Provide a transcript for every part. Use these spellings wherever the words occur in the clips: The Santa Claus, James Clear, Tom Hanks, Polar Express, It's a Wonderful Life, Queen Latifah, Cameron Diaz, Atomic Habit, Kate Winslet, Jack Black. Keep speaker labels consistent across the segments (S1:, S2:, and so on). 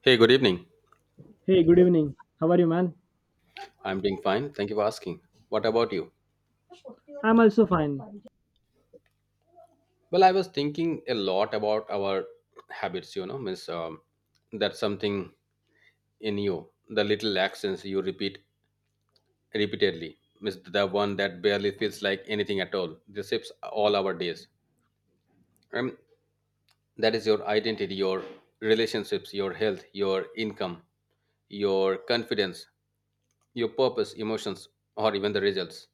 S1: Hey, good evening.
S2: Hey, good evening. How are you, man?
S1: I'm doing fine. Thank you for asking. What about you?
S2: I'm also fine.
S1: Well, I was thinking a lot about our habits, miss that's something in you, the little accents you repeat repeatedly, miss the one that barely feels like anything at all. This shapes all our days. And that is your identity, your relationships, your health, your income, your confidence, your purpose, emotions, or even the results.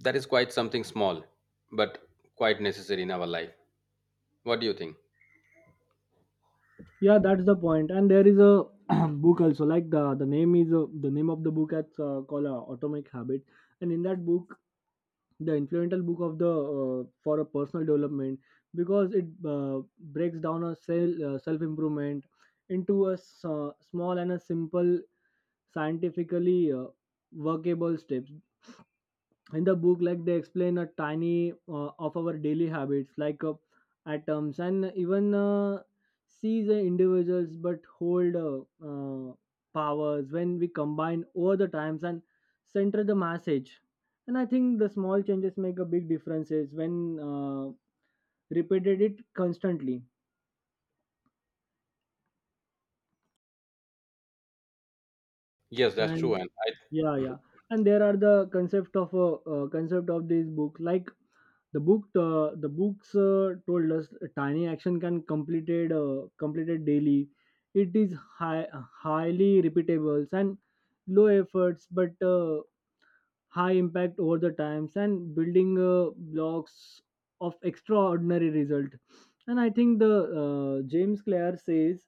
S1: That is quite something small, but quite necessary in our life. What do you think?
S2: Yeah, that's the point. And there is a book also. Like the name is the name of the book that's called Atomic Habit. And in that book, the influential book of the for a personal development because it uh, breaks down a self improvement into a small and a simple scientifically workable steps in the book like they explain a tiny of our daily habits like atoms and even see the individuals but hold uh, powers when we combine over the times and center the message. And I think the small changes make a big differences when repeated it constantly.
S1: Yes, that's true.
S2: And
S1: And I,
S2: yeah
S1: mm-hmm.
S2: yeah and there are the concept of these books like the books told us a tiny action can completed daily. It is highly repeatable and low efforts but high impact over the times and building blocks of extraordinary result. And I think the James Clear says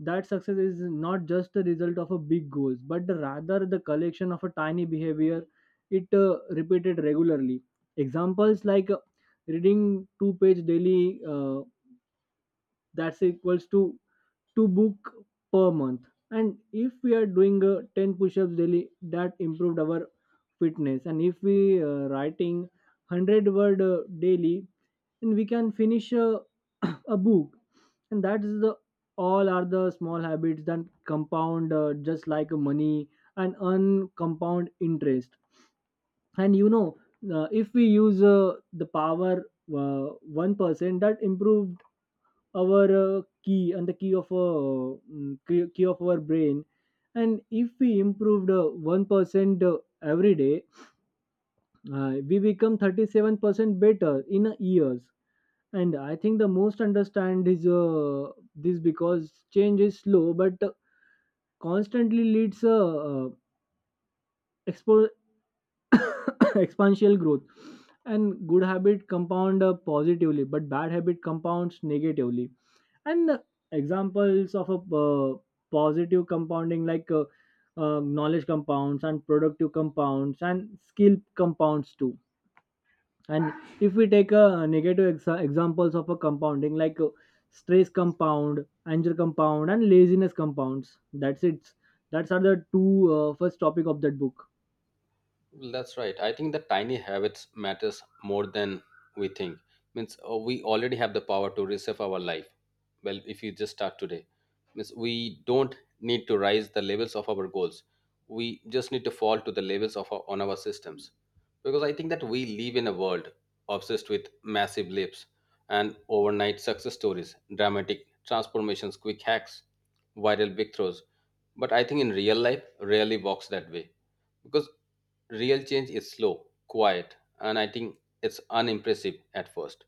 S2: that success is not just the result of a big goals but rather the collection of a tiny behavior. It repeated regularly. Examples like reading two-page daily, that's equals to book per month. And if we are doing 10 push-ups daily, that improved our fitness. And if we writing 100 word daily, and we can finish a book. And that is the all are the small habits that compound just like money and earn compound interest. And if we use the power 1% that improve our key and the key of key of our brain. And if we improved 1% every day, we become 37% better in a years. And I think the most understand is this because change is slow but constantly leads expo- exponential growth. And good habit compound positively but bad habit compounds negatively. And examples of a positive compounding like knowledge compounds and productive compounds and skill compounds too. And if we take a negative examples of a compounding like stress compound, anger compound, and laziness compounds. That's it. That's are the two first topic of that book.
S1: Well, that's right. I think the tiny habits matters more than we think. Means we already have the power to reshape our life. Well, if you just start today, means we don't need to rise the levels of our goals. We just need to fall to the levels of our, on our systems, because I think that we live in a world obsessed with massive leaps and overnight success stories, dramatic transformations, quick hacks, viral breakthroughs. But I think in real life, rarely works that way because real change is slow, quiet, and I think it's unimpressive at first.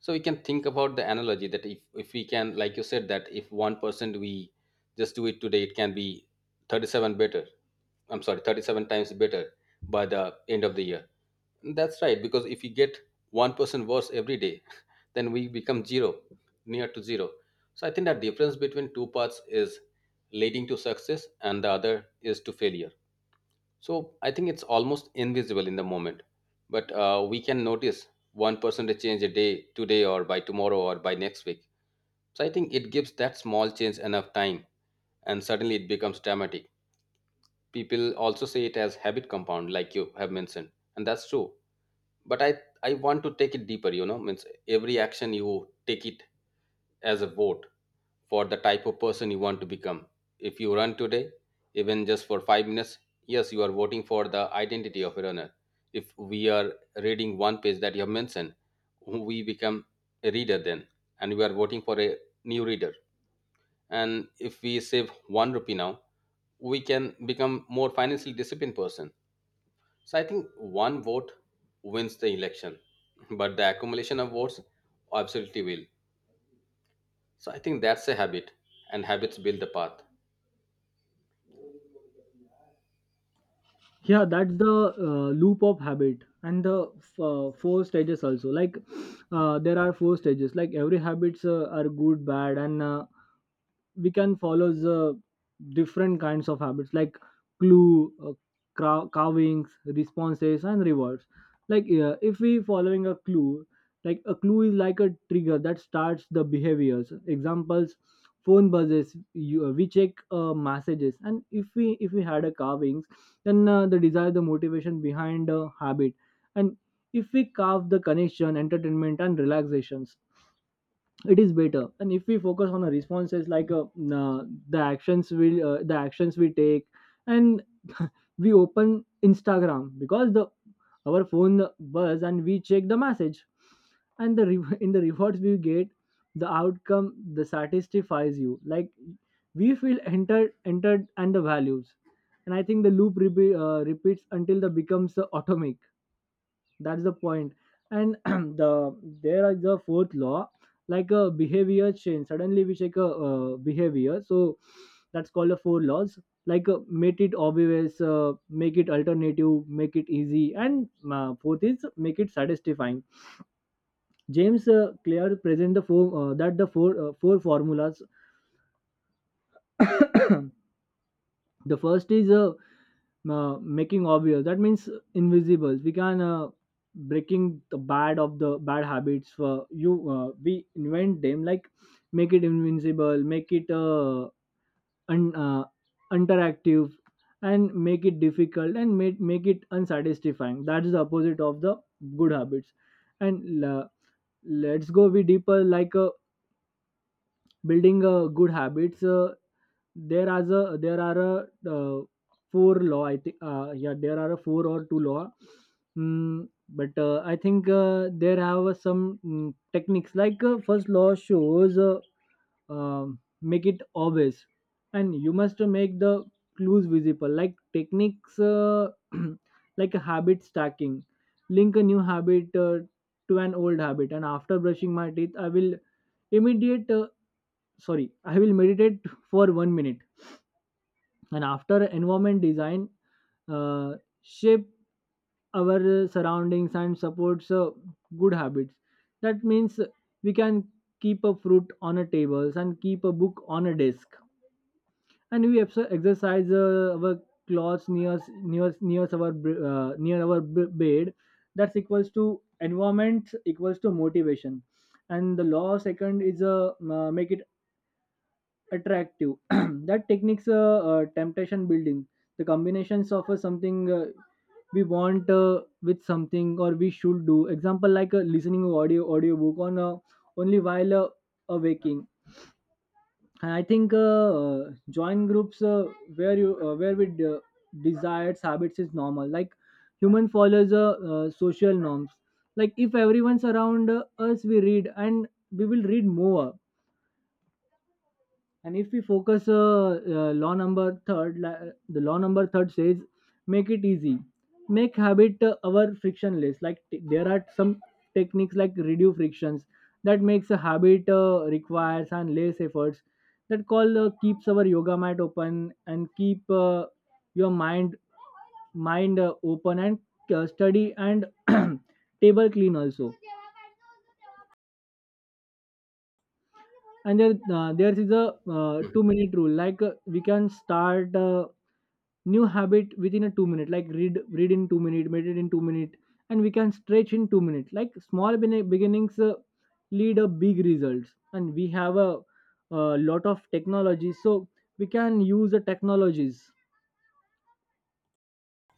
S1: So we can think about the analogy that if we can, like you said, that if 1% we just do it today, it can be 37 better. I'm sorry, 37 times better by the end of the year. That's right, because if we get 1% worse every day, then we become zero, near to zero. So I think that difference between two paths is leading to success and the other is to failure. So I think it's almost invisible in the moment, but we can notice 1% change a day today or by tomorrow or by next week. So I think it gives that small change enough time, and suddenly it becomes dramatic. People also say it as habit compound, like you have mentioned, and that's true. But I want to take it deeper. You know, means every action you take it as a vote for the type of person you want to become. If you run today, even just for 5 minutes, yes, you are voting for the identity of a runner. If we are reading one page that you have mentioned, we become a reader then, and we are voting for a new reader. And if we save one rupee now, we can become more financially disciplined person. So I think one vote wins the election, but the accumulation of votes absolutely will. So I think that's a habit, and habits build the path.
S2: Yeah, that's the loop of habit and the four stages also. Like there are four stages like every habits are good bad and we can follow the different kinds of habits like clue carvings, responses and rewards. Like if we following a clue, like a clue is like a trigger that starts the behaviors. Examples: phone buzzes you, we check messages. And if we had a carvings, then the desire the motivation behind a habit. And if we carve the connection entertainment and relaxations, it is better. And if we focus on the responses like uh, the actions we take, and we open Instagram because the our phone buzz and we check the message. And in the rewards we get the outcome the satisfies you. Like we feel entered and the values. And I think the loop repeats until the becomes atomic. That's the point. And the there is the fourth law, like a behavior change suddenly we check a behavior, so that's called the four laws. Like make it obvious, make it alternative, make it easy, and fourth is make it satisfying. James Clear present the four four formulas. The first is making obvious, that means invisible. We can breaking the bad of the bad habits for you, we invent them. Like make it invincible, make it un, uh, interactive, and make it difficult, and make it unsatisfying. That is the opposite of the good habits. And la let's go with deeper. Like building good habits, there as a there are a four law. I think yeah, there are a four or two law, but I think there have some techniques. Like first law shows make it obvious, and you must make the clues visible. Like techniques like habit stacking, link a new habit to an old habit. And after brushing my teeth I will immediate sorry I will meditate for 1 minute. And after environment design, uh, shape our surroundings and supports good habits. That means we can keep a fruit on a tables and keep a book on a desk. And we exercise our clothes near our bed. That's equals to environment equals to motivation. And the law second is a make it attractive. That techniques, temptation building, the combinations of something we want with something or we should do. Example like listening to audiobook on only while awaking. And I think join groups where we desires habits is normal. Like human follows social norms. Like if everyone's around us, we read and we will read more. And if we focus, law number third, la- the law number third says, make it easy, make habit our frictionless. Like there are some techniques like reduce frictions that makes a habit requires and less efforts. That call keeps our yoga mat open and keep your mind open, and study and table clean also. And there is a
S1: Mhm.
S2: 2 minute rule. Like we can start a new habit within a 2 minute, like read in 2 minute, meditate in 2 minute, and we can stretch in 2 minutes. Like small beginnings lead a big results. And we have a lot of technology, so we can use the technologies.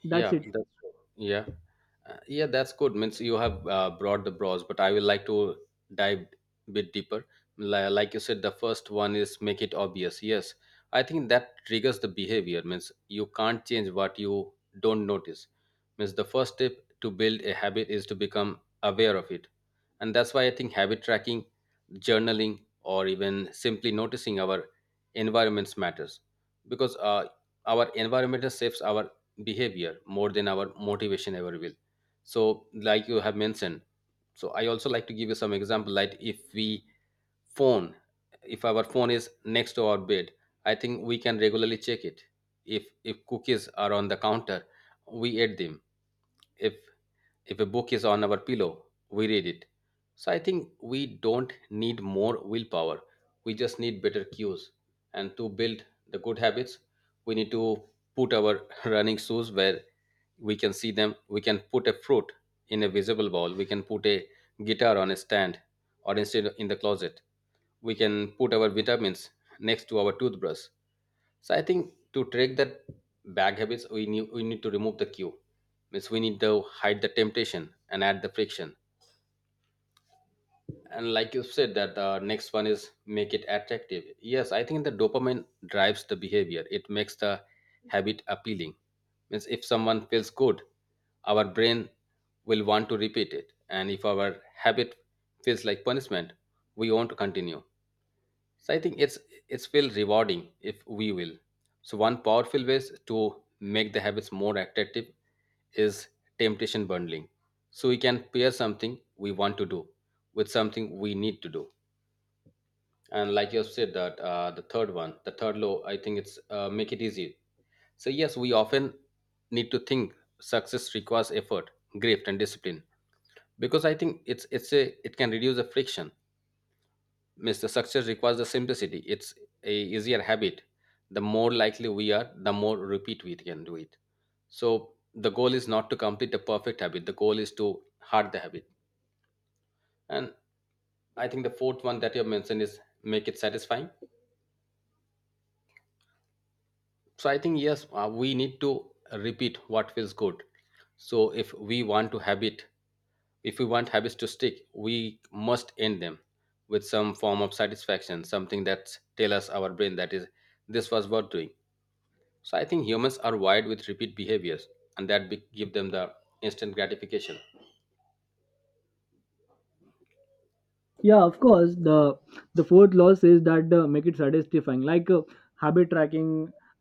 S2: That's
S1: Yeah,
S2: it.
S1: that's true. Yeah, yeah. That's good. Means you have brought the bros, but I will like to dive bit deeper. Like you said, the first one is make it obvious. Yes, I think that triggers the behavior. Means you can't change what you don't notice. Means the first step to build a habit is to become aware of it, and that's why I think habit tracking, journaling, or even simply noticing our environments matters because our environment shapes our behavior more than our motivation ever will. So like you have mentioned, so I also like to give you some example. Like if we phone, if our phone is next to our bed, I think we can regularly check it. If cookies are on the counter, we eat them. if if a book is on our pillow, we read it. So I think we don't need more willpower, we just need better cues. And to build the good habits, we need to put our running shoes where we can see them. We can put a fruit in a visible bowl, we can put a guitar on a stand or instead in the closet. We can put our vitamins next to our toothbrush. So I think to track that bad habits, we need to remove the cue, means we need to hide the temptation and add the friction. And like you said that the next one is make it attractive. Yes, I think the dopamine drives the behavior, it makes the habit appealing. Means if someone feels good, our brain will want to repeat it. And if our habit feels like punishment, we want to continue. So I think it's feel rewarding if we will. So one powerful ways to make the habits more attractive is temptation bundling. So we can pair something we want to do with something we need to do. And like you have said that the third one, the third law, I think it's make it easy. So yes, we often need to think success requires effort, grit, and discipline because I think it can reduce the friction, means the success requires the simplicity. It's a easier habit, the more likely we are, the more repeat we can do it. So the goal is not to complete the perfect habit, the goal is to hard the habit. And I think the fourth one that you have mentioned is make it satisfying. So I think yes, we need to repeat what feels good. So if we want to habit, if we want habits to stick, we must end them with some form of satisfaction, something that tell us our brain that is this was worth doing. So I think humans are wired with repeat behaviors, and that give them the instant gratification.
S2: Yeah, of course. The fourth law says that make it satisfying. Like habit tracking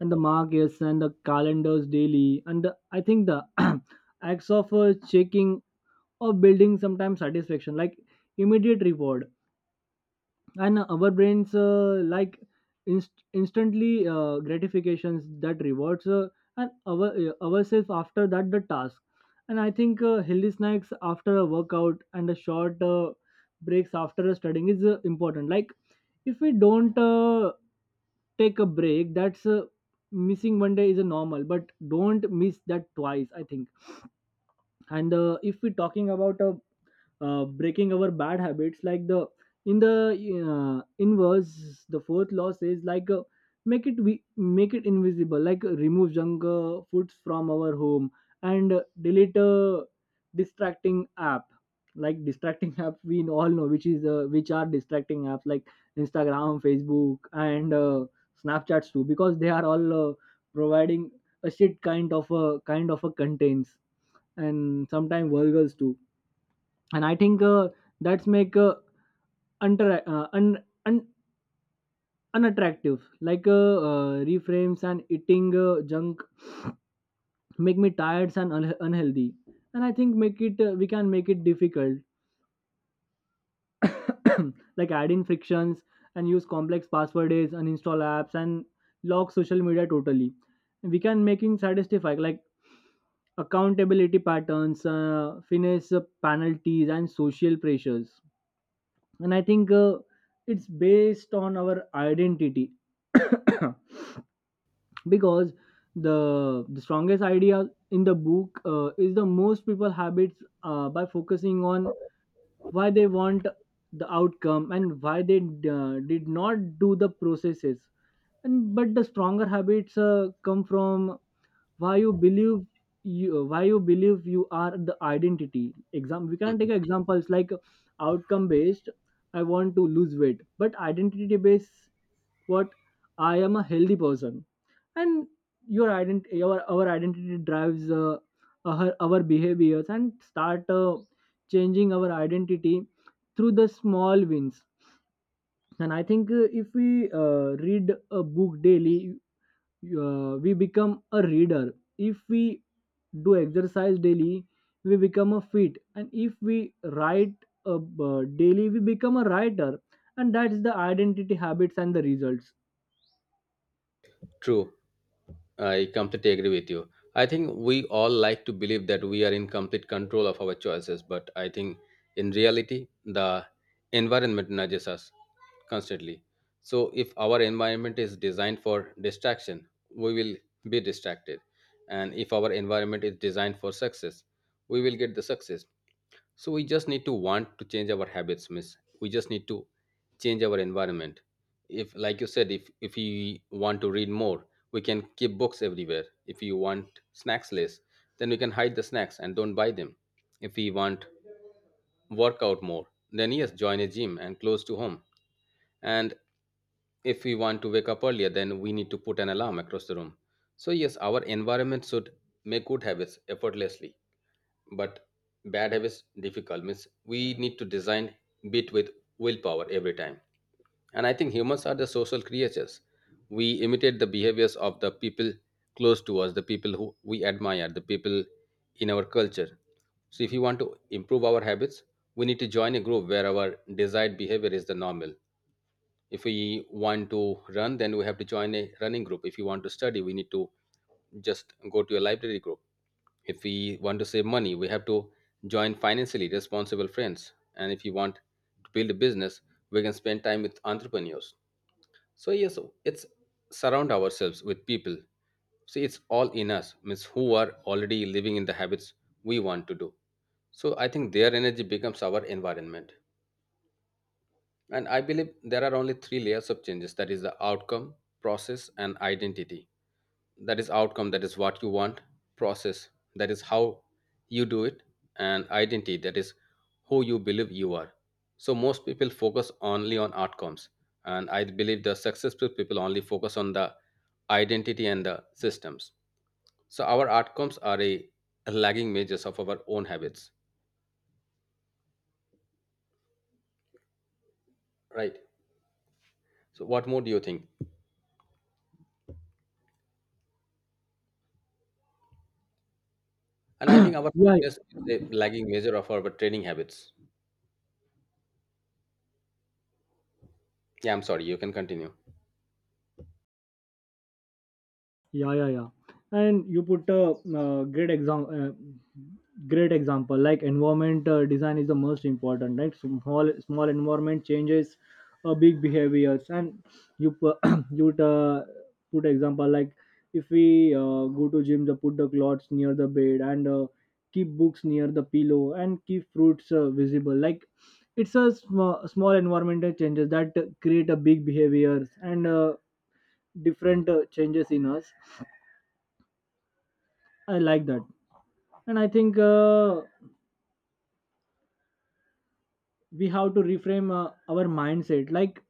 S2: and the markets and the calendars daily and the, I think the acts of checking or building sometimes satisfaction like immediate reward. And our brains like instantly gratifications that rewards and our ourselves after that the task. And I think healthy snacks after a workout and a short breaks after a studying is important. Like if we don't take a break, that's missing one day is a normal, but don't miss that twice, I think. And if we're talking about breaking our bad habits, like the in the inverse the fourth law says, like make it we make it invisible, like remove junk foods from our home, and delete a distracting app. Like distracting app we all know which is which are distracting apps, like Instagram, Facebook, and Snapchats too, because they are all providing a shit kind of a contents and sometimes vulgars too. And I think that's make untra- uh, un- un- unattractive like reframes and eating junk make me tired and unhealthy. And I think make it we can make it difficult like adding frictions and use complex passwords and install apps and lock social media totally. We can making satisfy like accountability patterns, finesse penalties and social pressures. And I think it's based on our identity. Because the strongest idea in the book is the most people habits by focusing on why they want the outcome and why they did not do the processes. And but the stronger habits come from why you believe you why you believe you are the identity. Exam, we can
S1: Mhm.
S2: take examples like outcome based, I want to lose weight, but identity based, what, I am a healthy person. And your identity our identity drives our behaviors and start changing our identity through the small wins. And I think if we read a book daily, we become a reader. If we do exercise daily, we become a fit. And if we write daily, we become a writer. And that's the identity habits and the results.
S1: True, I completely agree with you. I think we all like to believe that we are in complete control of our choices, but I think in reality, the environment nudges us constantly. So if our environment is designed for distraction, we will be distracted, and if our environment is designed for success, we will get the success. So we just need to want to change our habits, miss. We just need to change our environment. If, Like you said, if we want to read more, we can keep books everywhere. If you want snacks less, then we can hide the snacks and don't buy them. If we want workout more, then yes, join a gym and close to home. And if we want to wake up earlier, then we need to put an alarm across the room. So yes, our environment should make good habits effortlessly but bad habits difficult, means we need to design bit with willpower every time. And I think humans are the social creatures, we imitate the behaviors of the people close to us, the people who we admire, the people in our culture. So if you want to improve our habits, we need to join a group where our desired behavior is the normal. If we want to run, then we have to join a running group. If you want to study, we need to just go to a library group. If we want to save money, we have to join financially responsible friends. And if you want to build a business, we can spend time with entrepreneurs. So yes, so it's surround ourselves with people. See, it's all in us, means who are already living in the habits we want to do. So I think their energy becomes our environment. And I believe there are only three layers of changes, that is the outcome, process, and identity. That is outcome, that is what you want. Process, that is how you do it. And identity, that is who you believe you are. So most people focus only on outcomes, and I believe the successful people only focus on the identity and the systems. So our outcomes are a lagging measures of our own habits, right? So what more do you think? And I think our
S2: yeah
S1: fitness is a lagging measure of our training habits. Yeah, I'm sorry, you can continue.
S2: yeah yeah yeah and you put a uh, great example uh, great example, like environment design is the most important, right? Small environment changes big behaviors. And you pu- you would, put example like if we go to gym the put the clothes near the bed and keep books near the pillow and keep fruits visible like it's a small environmental changes that create a big behaviors and different changes in us. I like that. And I think we have to reframe our mindset. Like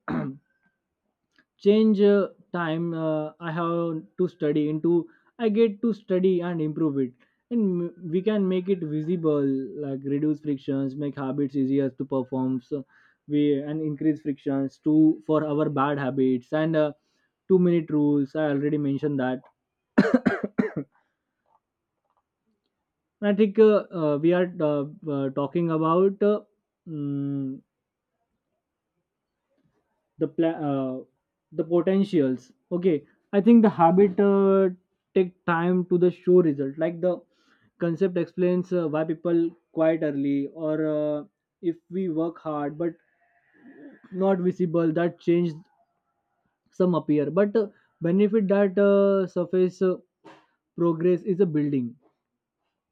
S2: change time I have to study into I get to study and improve it. We can make it visible, like reduce frictions, make habits easier to perform. So we and increase frictions to for our bad habits and 2 minute rules. I already mentioned that. And I think we are talking about mm, the the potentials. Okay, I think the habit take time to the show result like the concept explains why people quite early or if we work hard but not visible that change some appear but benefit that surface progress is a building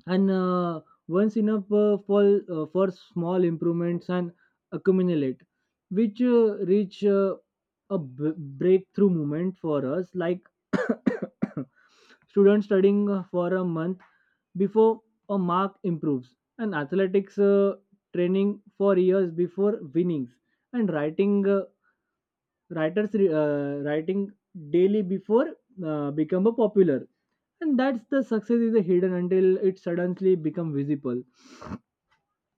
S2: and once enough for small improvements and accumulate which reach a breakthrough moment for us like students studying for a month before a mark improves and athletics training for years before winnings and writing writers writing daily before become a popular. And that's the success is a hidden until it suddenly become visible.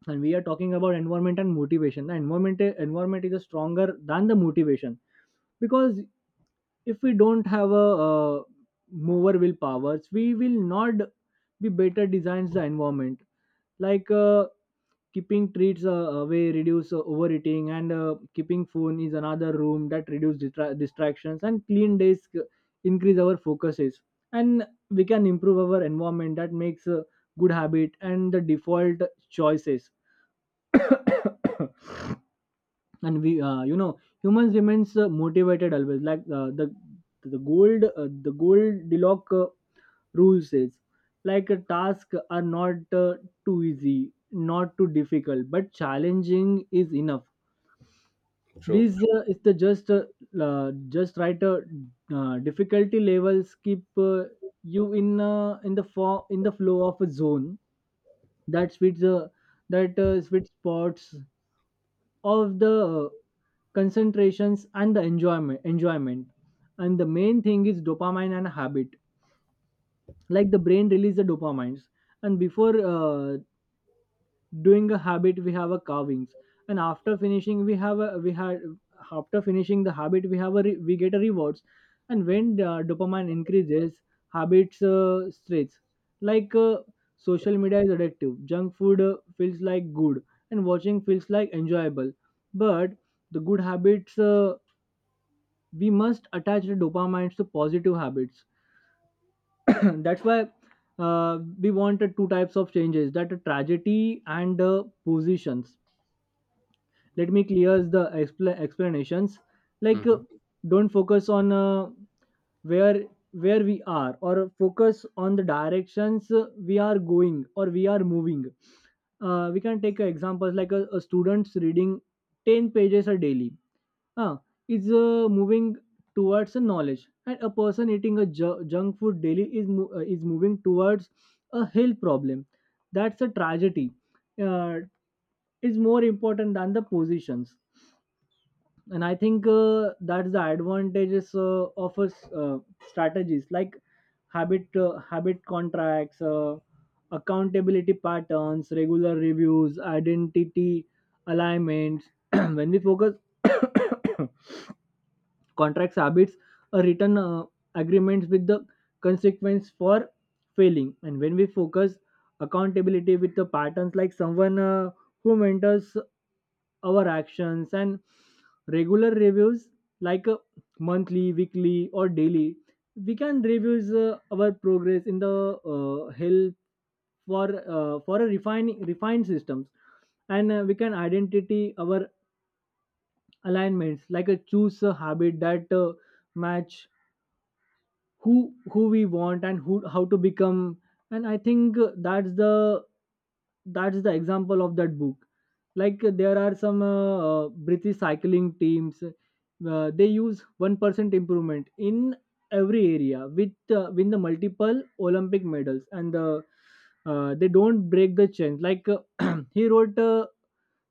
S2: And we are talking about environment and motivation. The environment is stronger than the motivation because if we don't have a mover will powers, we will not be better designs the environment. Like keeping treats away reduce overeating and keeping phone is another room that reduce distractions and clean desk increase our focuses. And we can improve our environment that makes a good habit and the default choices. And we uh, humans remains motivated always like the the gold diloc rule says like a task are not too easy, not too difficult, but challenging is enough.
S1: True.
S2: This is the just right difficulty levels keep you in the in the flow of a zone. That sweet that sweet spots of the concentrations and the enjoyment. And the main thing is dopamine and habit, like the brain release the dopamines. And before doing a habit, we have a carvings. And after finishing we have a we had after finishing the habit we get a rewards. And when the dopamine increases, habits straits. Like social media is addictive, junk food feels like good and watching feels like enjoyable. But the good habits, we must attach the dopamines to positive habits. That's why we wanted two types of changes that a tragedy and positions. Let me clear the explanations. Like
S1: Mhm.
S2: don't focus on where where we are, or focus on the directions we are going or we are moving. We can take examples like a student's reading 10 pages a daily, uh, is moving towards a knowledge. And a person eating a junk food daily is is moving towards a health problem. That's a tragedy, uh, is more important than the positions. And I think that's the advantages of us strategies like habit contracts, accountability patterns, regular reviews, identity alignments. When we focus, contracts habits, a written agreements with the consequence for failing. And when we focus accountability with the patterns, like someone who mentors our actions, and regular reviews like monthly, weekly, or daily, we can review our progress in the help for a refining refined systems. And we can identity our alignments, like a choose a habit that match who we want and who how to become. And I think that's the example of that book. Like there are some british cycling teams, they use 1% improvement in every area with win the multiple Olympic medals. And the they don't break the chain. Like he wrote uh,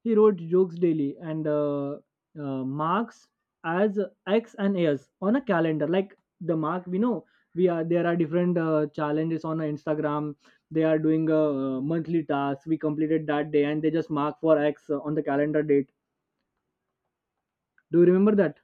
S2: he wrote jokes daily and marks as X and S on a calendar. Like the mark, we know we are there are different challenges on Instagram. They are doing a monthly task. We completed that day, and they just mark for X on the calendar date. Do you remember that?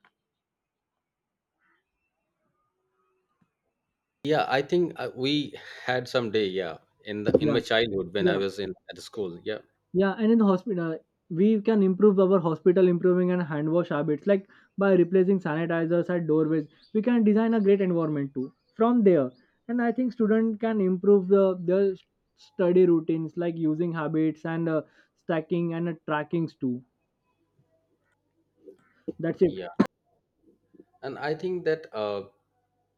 S1: Yeah, I think we had some day. Yeah, in the in
S2: Yeah,
S1: my childhood when I
S2: yeah.
S1: was in at school. Yeah,
S2: Yeah, and in the hospital, we can improve our hospital improving and hand wash habits like by replacing sanitizers at doorways. We can design a great environment too from there. And I think students can improve the their study routines, like using habits and stacking and trackings too. That's it.
S1: yeah, and I think that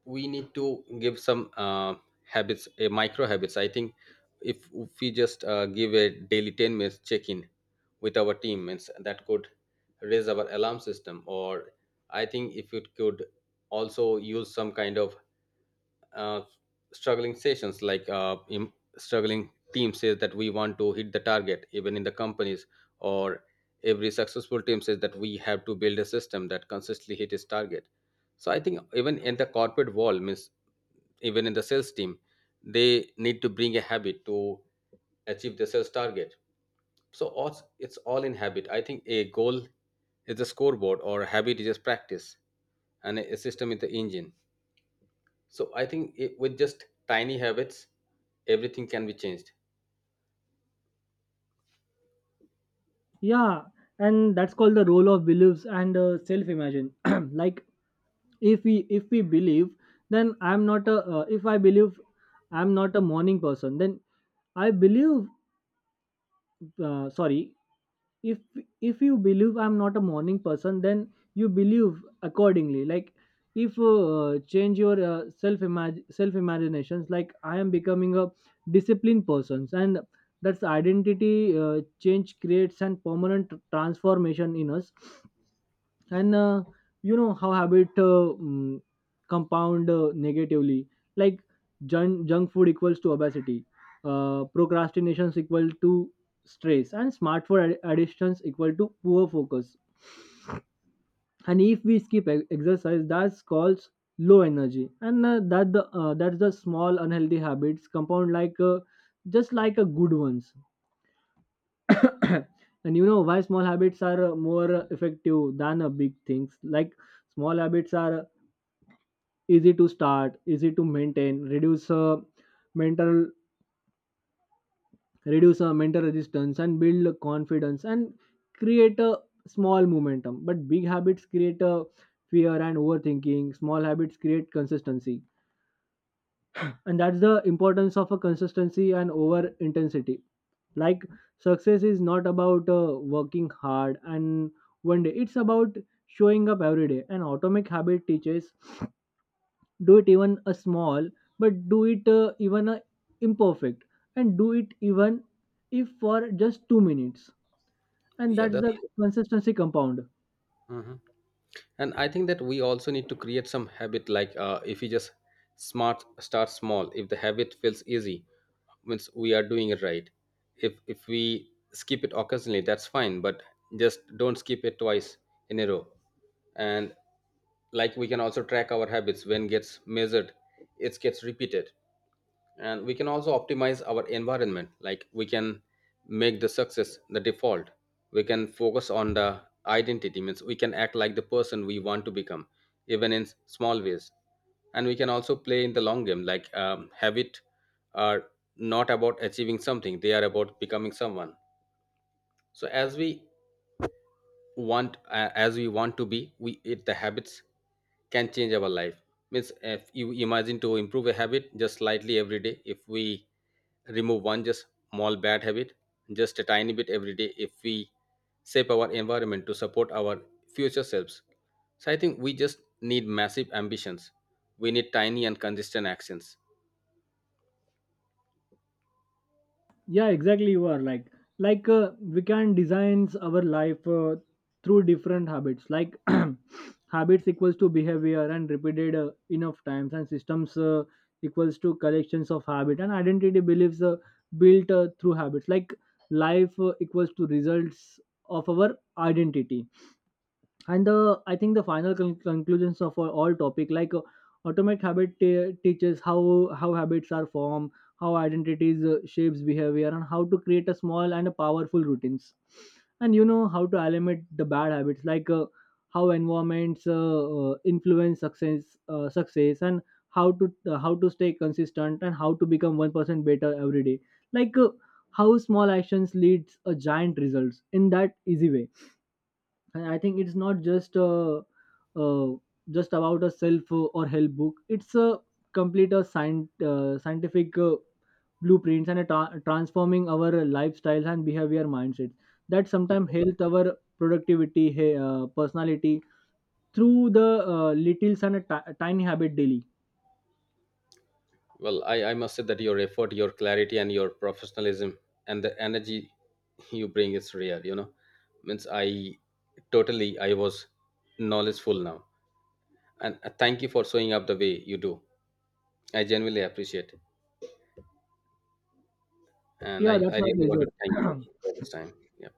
S1: we need to give some habits, micro habits. I think if we just give a daily 10 minutes check in with our team, means that could raise our alarm system. Or I think if it could also use some kind of uh, struggling sessions like struggling team says that we want to hit the target even in the companies, or every successful team says that we have to build a system that consistently hit its target. So I think even in the corporate world, means even in the sales team, they need to bring a habit to achieve the sales target. So it's all in habit. I think a goal is a scoreboard or habit is just practice, and a system is the engine. So I think it, with just tiny habits, everything can be changed.
S2: Yeah, and that's called the role of beliefs and self imagine. Like if we believe then I'm not a if I believe I'm not a morning person, then I believe, sorry, if if you believe I'm not a morning person then you believe accordingly. Like if change your self imaginations, like I am becoming a disciplined person, and that's identity change creates and permanent transformation in us. And you know how habit compound negatively. Like junk food equals to obesity, procrastination equal to stress, and smartphone addictions equal to poor focus. And if we skip exercise, that's called low energy. And that's the small unhealthy habits compound like just like a good ones. And you know why small habits are more effective than big things. Like small habits are easy to start, easy to maintain, mental reduce mental resistance, and build confidence, and create a small momentum. But big habits create a fear and overthinking. Small habits create consistency. And that's the importance of a consistency and over intensity. Like success is not about working hard and one day, it's about showing up every day. An atomic habit teaches do it even a small, but do it even a imperfect, and do it even if for just 2 minutes. And
S1: Yeah,
S2: that's
S1: that's
S2: the
S1: true.
S2: consistency compound.
S1: Mhm. And I think that we also need to create some habit. Like if you just smart start small. If the habit feels easy, means we are doing it right. If we skip it occasionally, that's fine. But just don't skip it twice in a row. And like we can also track our habits, when gets measured, it gets repeated. And we can also optimize our environment, like we can make the success the default. We can focus on the identity, means we can act like the person we want to become, even in small ways. And we can also play in the long game, like habit are not about achieving something, they are about becoming someone. So as we want to be, we it the habits can change our life. Means if you imagine to improve a habit just slightly every day, if we remove one just small bad habit just a tiny bit every day, if we shape our environment to support our future selves, so I think we just need massive ambitions, we need tiny and consistent actions.
S2: Yeah, exactly. You are like we can design our life through different habits. Like habits equals to behavior and repeated enough times, and systems equals to collections of habit, and identity beliefs built through habits. Like life equals to results of our identity. And the I think the final conclusions of our all topic. Like automate habit teaches how habits are formed, how identities shapes behavior, and how to create a small and a powerful routines. And you know how to eliminate the bad habits. Like how environments influence success, and how to stay consistent, and how to become 1% better every day. Like how small actions leads a giant results in that easy way. And I think it's not just uh, just about a self or help book. It's a complete scientific blueprints and a transforming our lifestyles and behavior mindsets that sometimes help our productivity, hey, personality through the little and a tiny habit daily.
S1: Well, I must say that your effort, your clarity, and your professionalism and the energy you bring is rare, you know. Means I totally, I was knowledgeful now. And thank you for showing up the way you do. I genuinely appreciate it. And
S2: Yeah,
S1: I,
S2: that's
S1: I
S2: my
S1: really want to thank you
S2: pleasure.
S1: for this time. Yeah.